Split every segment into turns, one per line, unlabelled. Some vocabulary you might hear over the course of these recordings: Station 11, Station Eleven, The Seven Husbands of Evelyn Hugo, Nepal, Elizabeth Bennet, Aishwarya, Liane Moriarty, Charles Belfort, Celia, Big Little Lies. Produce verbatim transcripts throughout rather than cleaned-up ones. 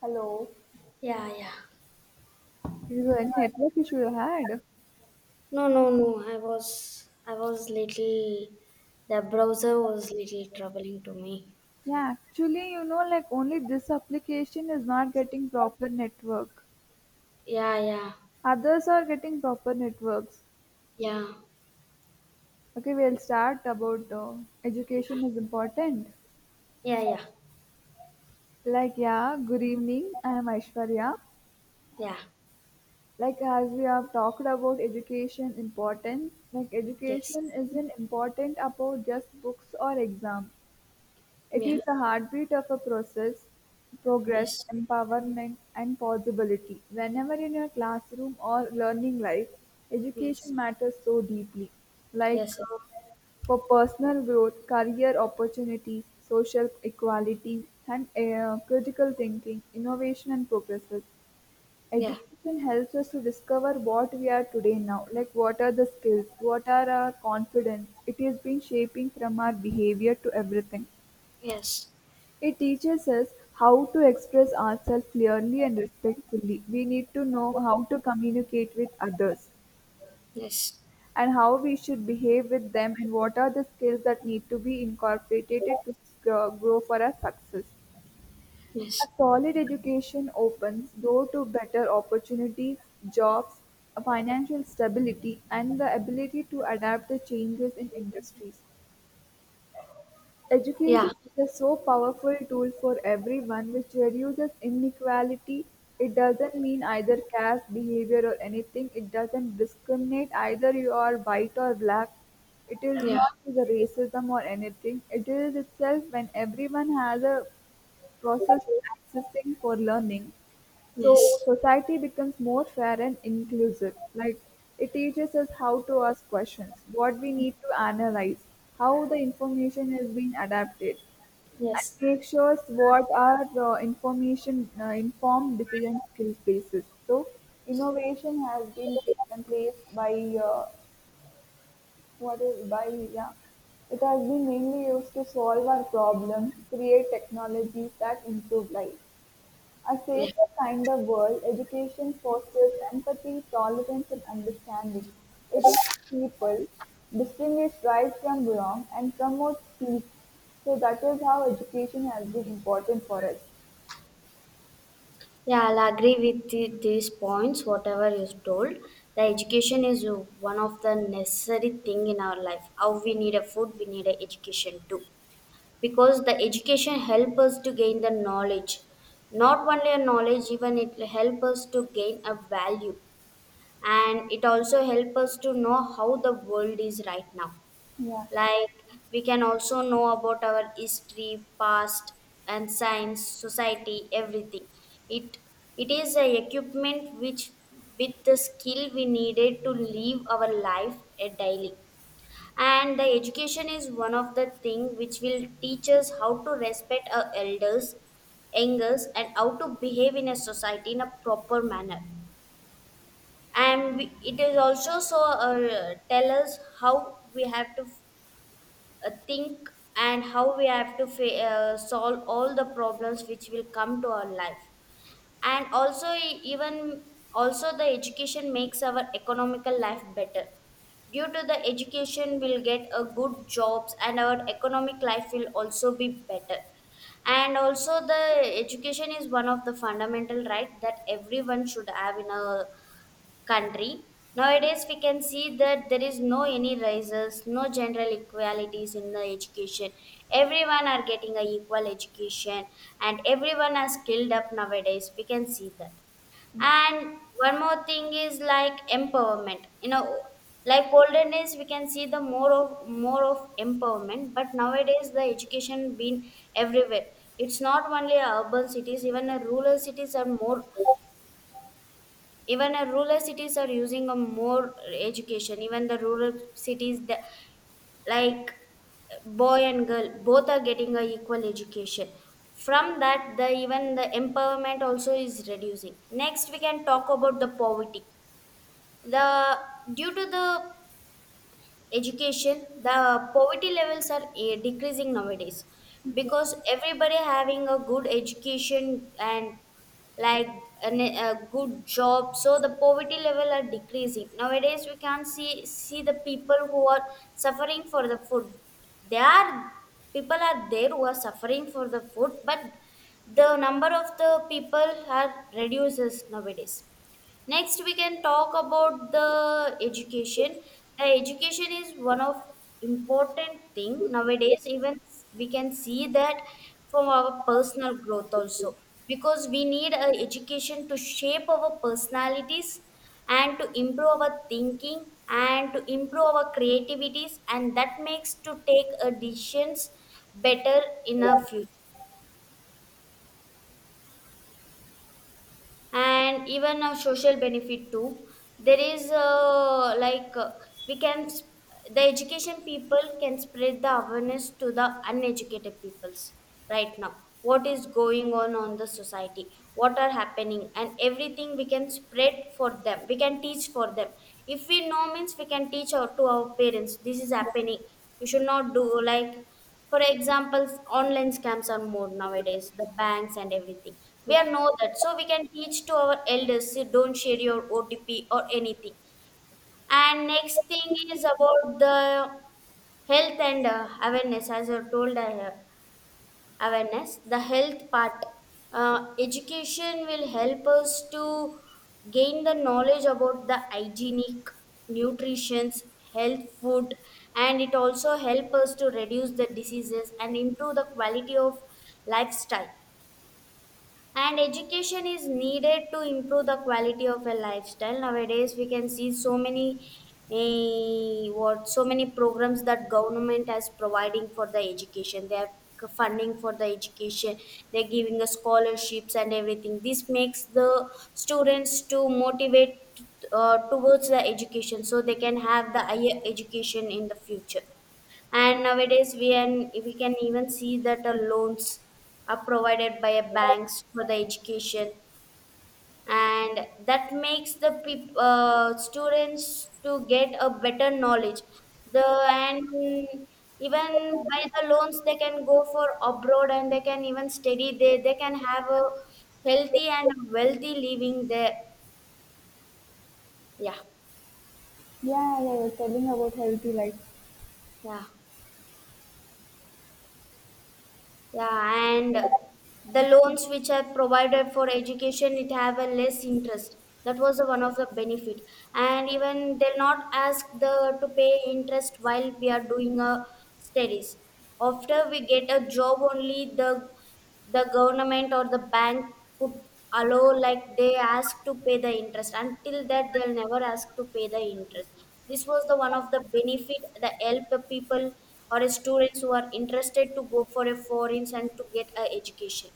Hello.
Yeah, yeah.
This is a network issue you had.
No, no, no. I was, I was little. The browser was little troubling to me. So,
Yeah, actually, you know, like only this application is not getting proper network.
yeah, yeah,
Others are getting proper networks.
yeah,
Okay, we'll start about uh, education is important.
yeah, yeah,
Like, yeah, good evening. I am Aishwarya.
yeah.
Like, as we have talked about education importance, like
Yes,
education isn't important about just books or exams. It
yeah,
is the heartbeat of a process, progress,
yes,
empowerment, and possibility. Whenever in your classroom or learning life,
yes,
education matters so deeply, like
yes,
uh, for personal growth, career opportunities, social equality, and uh, critical thinking, innovation, and progresses.
yeah,
Education helps us to discover what we are today now, like what are the skills, what are our confidence. It is being shaping from our behavior to everything.
yes,
It teaches us how to express ourselves clearly and respectfully. We need to know how to communicate with others
yes,
and how we should behave with them and what are the skills that need to be incorporated to grow grow for our success. A
yes,
solid education opens door to better opportunities, jobs, financial stability, and the ability to adapt to changes in industries.
yeah,
Education is a so powerful tool for everyone which reduces inequality. It doesn't mean either caste, behavior, or anything. It doesn't discriminate either you are white or black. It is
yeah,
not the racism or anything. It is itself when everyone has a process accessing for learning. So
yes,
society becomes more fair and inclusive. Like it teaches us how to ask questions, what we need to analyze, how the information is being adapted, and
yes,
make sure what are the information uh, informed decision skill basis. So innovation has been taken place by uh, what is by yeah. It has been mainly used to solve our problems, create technologies that improve life. A
yeah.
safer kind of world, education fosters empathy, tolerance, and understanding. It helps people distinguish right from wrong and promotes peace. So that is how education has been important for us.
Yeah, I'll agree with the, these points, whatever you told. The education is one of the, how we need a food, we need a education too, because the education help us to gain the knowledge, not only a knowledge, even it help us to gain a value, and it also help us to know the world is right now,
Yeah,
like we can also know about our history past and science society everything. It it is a equipment which, with the skill we needed to live our life a daily. And the education is one of the thing which will teach us how to respect our elders elders and how to behave in a society in a proper manner. And we, it is also so uh, tell us how we have to uh, think and how we have to fa- uh, solve all the problems which will come to our life. And also e- even also the education makes our economical life better. Due to the education we'll get a good jobs and our economic life will also be better. And also the education is one of the fundamental right that everyone should have in a country. Nowadays we can see that there is no any rises, no general equalities in the education, everyone are getting a equal education and everyone are skilled up nowadays we can see that.
yeah,
And one more thing is like empowerment, you know, like olden days we can see the more of more of empowerment, but nowadays the education been everywhere. It's not only urban cities, even the rural cities are more, even a rural cities are using a more education, even the rural cities the, like boy and girl both are getting a equal education. From that the even the empowerment also is reducing. Next we can talk about the poverty. The due to the education the poverty levels are eh, decreasing nowadays,
yeah,
because everybody having a good education and, like an, a good job, so the poverty level are decreasing nowadays. We can see see the people who are suffering for the food. They are, people are there who are suffering for the food, but the number of the people are reduces nowadays. Next we can talk about the education. The education is one of important thing nowadays, even we can see that from our personal growth also, because we need a education to shape our personalities and to improve our thinking and to improve our creativities, and that makes to take a decisions better in our future. And even a social benefit too. There is uh, like uh, we can sp- the education people can spread the awareness to the uneducated peoples right now, what is going on on the society, what are happening and everything we can spread for them, we can teach for them. If we know means we can teach our, to our parents, this is happening, you should not do like. For example, online scams are more nowadays, the banks and everything. We
yeah.
are know that. So we can teach to our elders, "See, don't share your O T P or anything." And next thing is about the health and uh, awareness. As I told I have awareness the health part, uh, education will help us to gain the knowledge about the hygienic, nutritions, health food, and it also help us to reduce the diseases and improve the quality of lifestyle. And education is needed to improve the quality of a lifestyle. Nowadays we can see so many eh, what so many programs that government has providing for the education. They have funding for the education, they're giving us scholarships and everything. This makes the students to motivate uh, towards the education, so they can have the higher education in the future. And nowadays we can we can even see that the loans are provided by a banks for the education, and that makes the peop- uh, students to get a better knowledge. The, and even by the loans they can go for abroad and they can even study there. They can have a healthy and wealthy living there. Yeah.
Yeah, yeah, you're telling about healthy life.
Yeah. Yeah, and the loans which are provided for education, it have a less interest. That was the one of the benefit. And even they'll not ask the to pay interest while we are doing a studies. After we get a job only, the the government or the bank could allow, like they ask to pay the interest. Until that they'll never ask to pay the interest. This was the one of the benefit that help the people or the students who are interested to go for a foreigns and to get a education.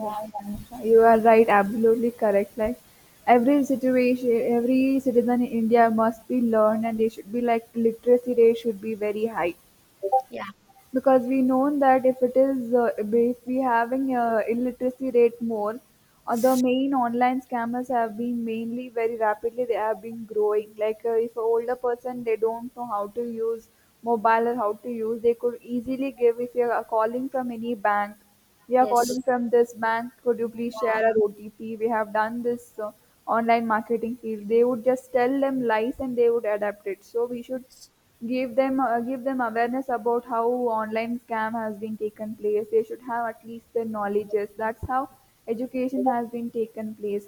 Yeah.
I. You are right, absolutely correct. Like every situation, every citizen in India must be learned, and they should be like literacy rate should be very high,
Yeah.
because we know that if it is uh, if we having uh, illiteracy rate more, uh, the main online scammers have been mainly very rapidly they have been growing, like uh, if an older person, they don't know how to use mobile or how to use, they could easily give. If you are calling from any bank, we are
Yes.
calling from this bank, could you please share
Yeah,
our OTP, we have done this, uh, online marketing field, they would just tell them lies and they would adapt it. So we should give them uh, give them awareness about how online scam has been taken place. They should have at least the knowledges. That's how education has been taken place.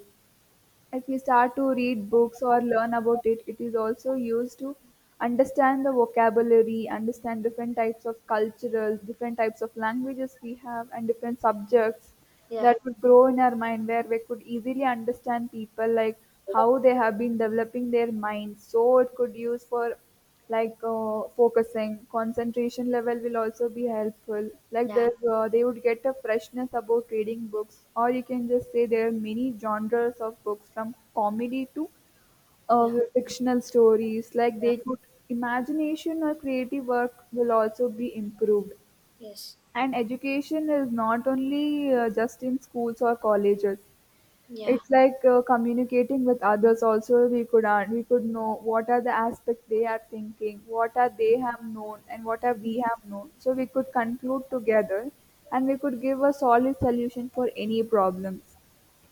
If we start to read books or learn about it, it is also used to understand the vocabulary, understand different types of cultural, different types of languages we have, and different subjects
yeah,
that would grow in our mind, where we could easily understand people, like how they have been developing their minds, so it could use for like uh, focusing. Concentration level will also be helpful, like
yeah,
there, uh, they would get a freshness about reading books, or you can just say there are many genres of books from comedy to uh,
yeah,
fictional stories, like
yeah,
they could imagination or creative work will also be improved.
yes,
And education is not only uh, just in schools or colleges.
yeah,
It's like uh, communicating with others. Also, we could uh, we could know what are the aspects they are thinking, what are they have known, and what are we have known. So we could conclude together, and we could give a solid solution for any problems.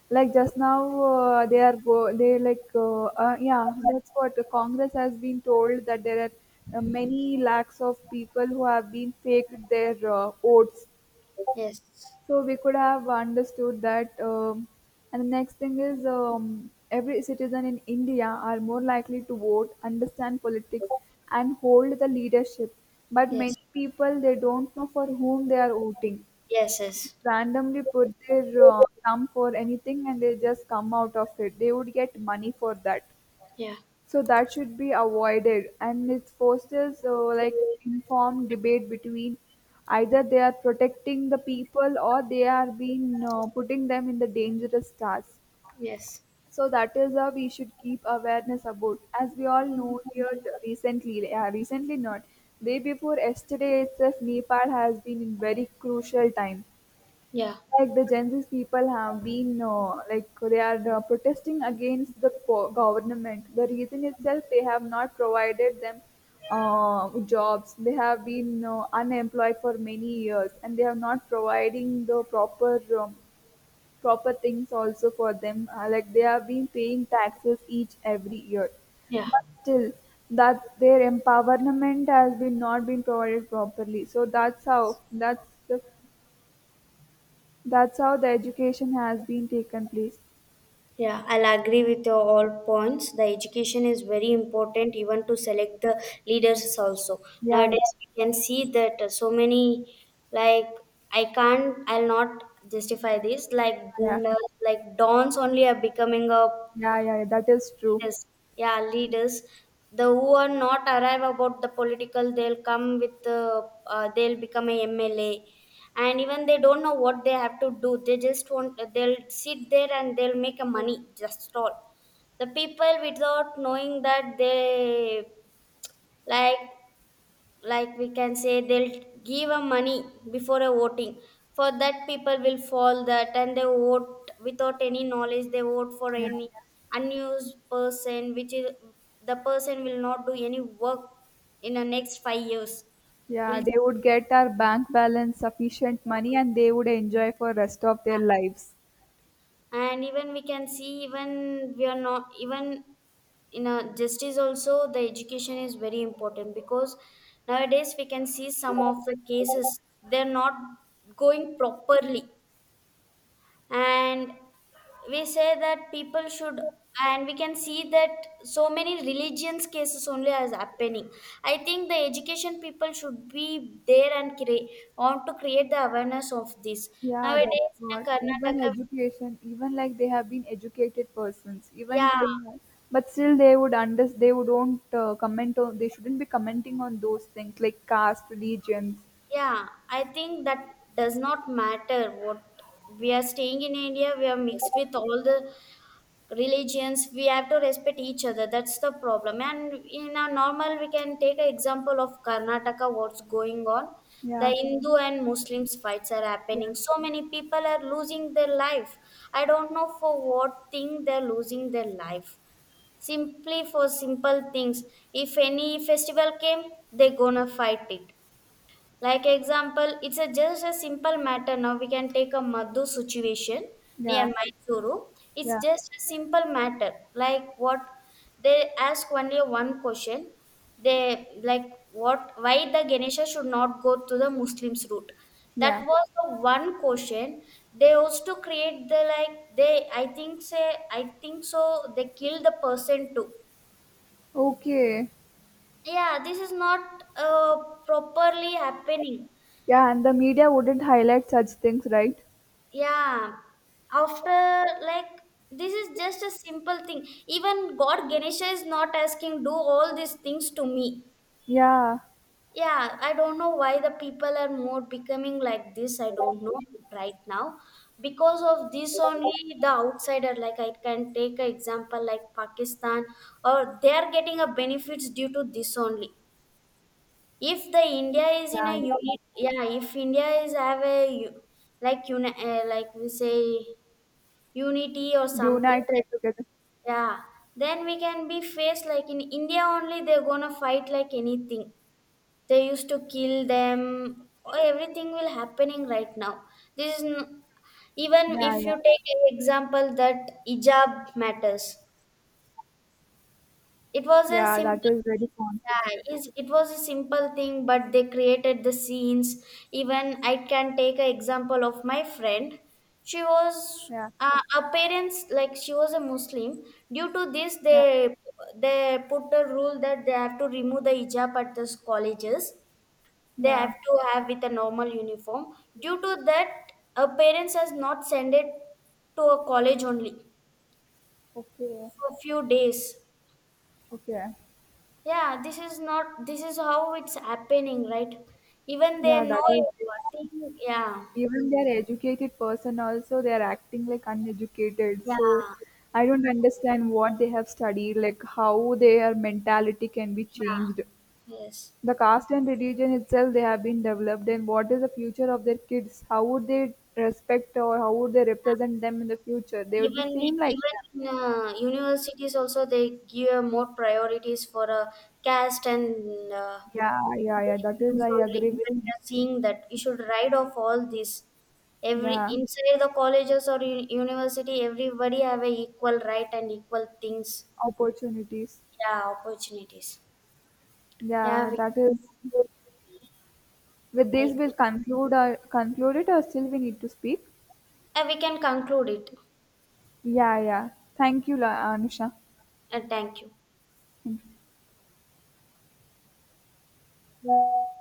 Like just now, uh, they are go they like uh, uh, yeah, that's what the Congress has been told, that there are uh, many lakhs of people who have been faked their uh, votes,
yes,
so we could have understood that. Um, and the next thing is, um, every citizen in India are more likely to vote, understand politics, and hold the leadership. But
yes,
many people they don't know for whom they are voting.
yes, yes,
Randomly put their uh, thumb for anything, and they just come out of it. They would get money for that.
yeah,
So that should be avoided, and it fosters uh, like informed debate between either they are protecting the people or they are being uh, putting them in the dangerous task.
yes,
So that is how we should keep awareness about. As we all know here t- recently, yeah, recently not day before yesterday itself, Nepal has been in very crucial time,
yeah,
like the Gen Z people have been uh, like they are uh, protesting against the po- government. The reason itself they have not provided them uh, jobs. They have been uh, unemployed for many years, and they are not providing the proper um, proper things also for them. Uh, like they have been paying taxes each every year,
yeah.
but still that their empowerment has been not been provided properly. So that's how that's the that's how the education has been taken place.
Yeah, I'll agree with your all points. The education is very important, even to select the leaders also.
Yeah, yeah,
Nowadays, we can see that uh, so many, like I can't, I'll not justify this. Like
yeah,
Gundas, like Dons only are becoming a.
yeah, yeah, yeah. That is true.
Yes, yeah, leaders. The who are not arrive about the political, they'll come with, uh, uh, they'll become a M L A, and even they don't know what they have to do. They just want, they'll sit there and they'll make a money. Just all the people without knowing that they, like like we can say they'll give a money before a voting. For that people will fall that and they vote without any knowledge, they vote for
Yeah,
any unused person, which is the person will not do any work in the next five years.
yeah,
He'll,
they would get our bank balance sufficient money and they would enjoy for rest of their
yeah.
lives.
And even we can see, even we are not even in a justice also the education is very important, because nowadays we can see some of the cases they're not going properly. And we say that people should, and we can see that so many religions cases only as happening. I think the education people should be there and create, want to create the awareness of this.
Yeah, that's
Nowadays in
what.
a
Even
Karnataka,
education, even like they have been educated persons,
yeah.
even till now, but still they would under they would don't uh, comment on. They shouldn't be commenting on those things like caste, religions.
Yeah, I think that does not matter what, we are staying in India, we are mixed with all the religions, we have to respect each other. That's the problem. And in a normal we can take an example of Karnataka, what's going on. The
Yeah,
Hindu and Muslims fights are
yeah,
happening, so many people are losing their life. I don't know for what thing they're losing their life, simply for simple things. If any festival came they gonna fight it. Like example, it's a just a simple matter. Now we can take a Madhu situation
yeah,
near Mysuru. It's
yeah,
just a simple matter. Like what, they ask only one question. They like what, why the Ganesha should not go to the Muslims route.
yeah.
That was the one question they used to create the, like they I think say I think so they kill the person too.
Okay.
Yeah, this is not uh, properly happening.
Yeah, and the media wouldn't highlight such things, right?
Yeah, after, like this is just a simple thing, even god Ganesha is not asking do all these things to me.
Yeah,
Yeah, I don't know why the people are more becoming like this, I don't know. Right now, because of this only the outsider, like I can take an example like Pakistan, or they are getting a benefits due to this only. If the India is in a
yeah.
unit, yeah, if India is have a u- like uni- uh, like we say unity or something.
United together.
Yeah, then we can be faced. Like in India only they're gonna fight like anything, they used to kill them or everything will happening right now. this is n- Even
Yeah,
if
yeah.
you take an example that hijab matters. It was a
Yeah, that
simple
is very
thing.
confident.
Yeah, is it was a simple thing, but they created the scenes. Even I can take an example of my friend. She was
Yeah,
uh, her parents like, she was a Muslim. Due to this,
yeah,
they they put a rule that they have to remove the hijab at the colleges. They
yeah.
have to have with a normal uniform. Due to that, her parents has not sent it to a college only
Okay,
for few days.
okay.
Yeah, this is not, this is how it's happening right. Even they
Yeah, that
know
is even,
everything. Yeah,
even they're educated person also they're acting like uneducated.
yeah,
So I don't understand what they have studied, like how their mentality can be
yeah,
changed.
yes.
The caste and religion itself they have been developed, and what is the future of their kids? How would they respect or how would they represent them in the future? They would be
Even,
same like
even
them.
in uh, universities also they give uh, more priorities for uh, caste and uh,
Yeah, yeah, yeah. That is,
nations
I
only,
agree with
even we
you.
are seeing that. You should write off all this, every
Yeah,
inside the colleges or u- university everybody have a equal right and equal things.
opportunities.
Yeah, opportunities. Yeah,
Yeah,
we,
that is. With
I
this, we'll
agree.
conclude. our conclude it, or still we need to speak.
Uh, we can conclude it.
Yeah, yeah. Thank you, La- Anusha.
Uh, thank you.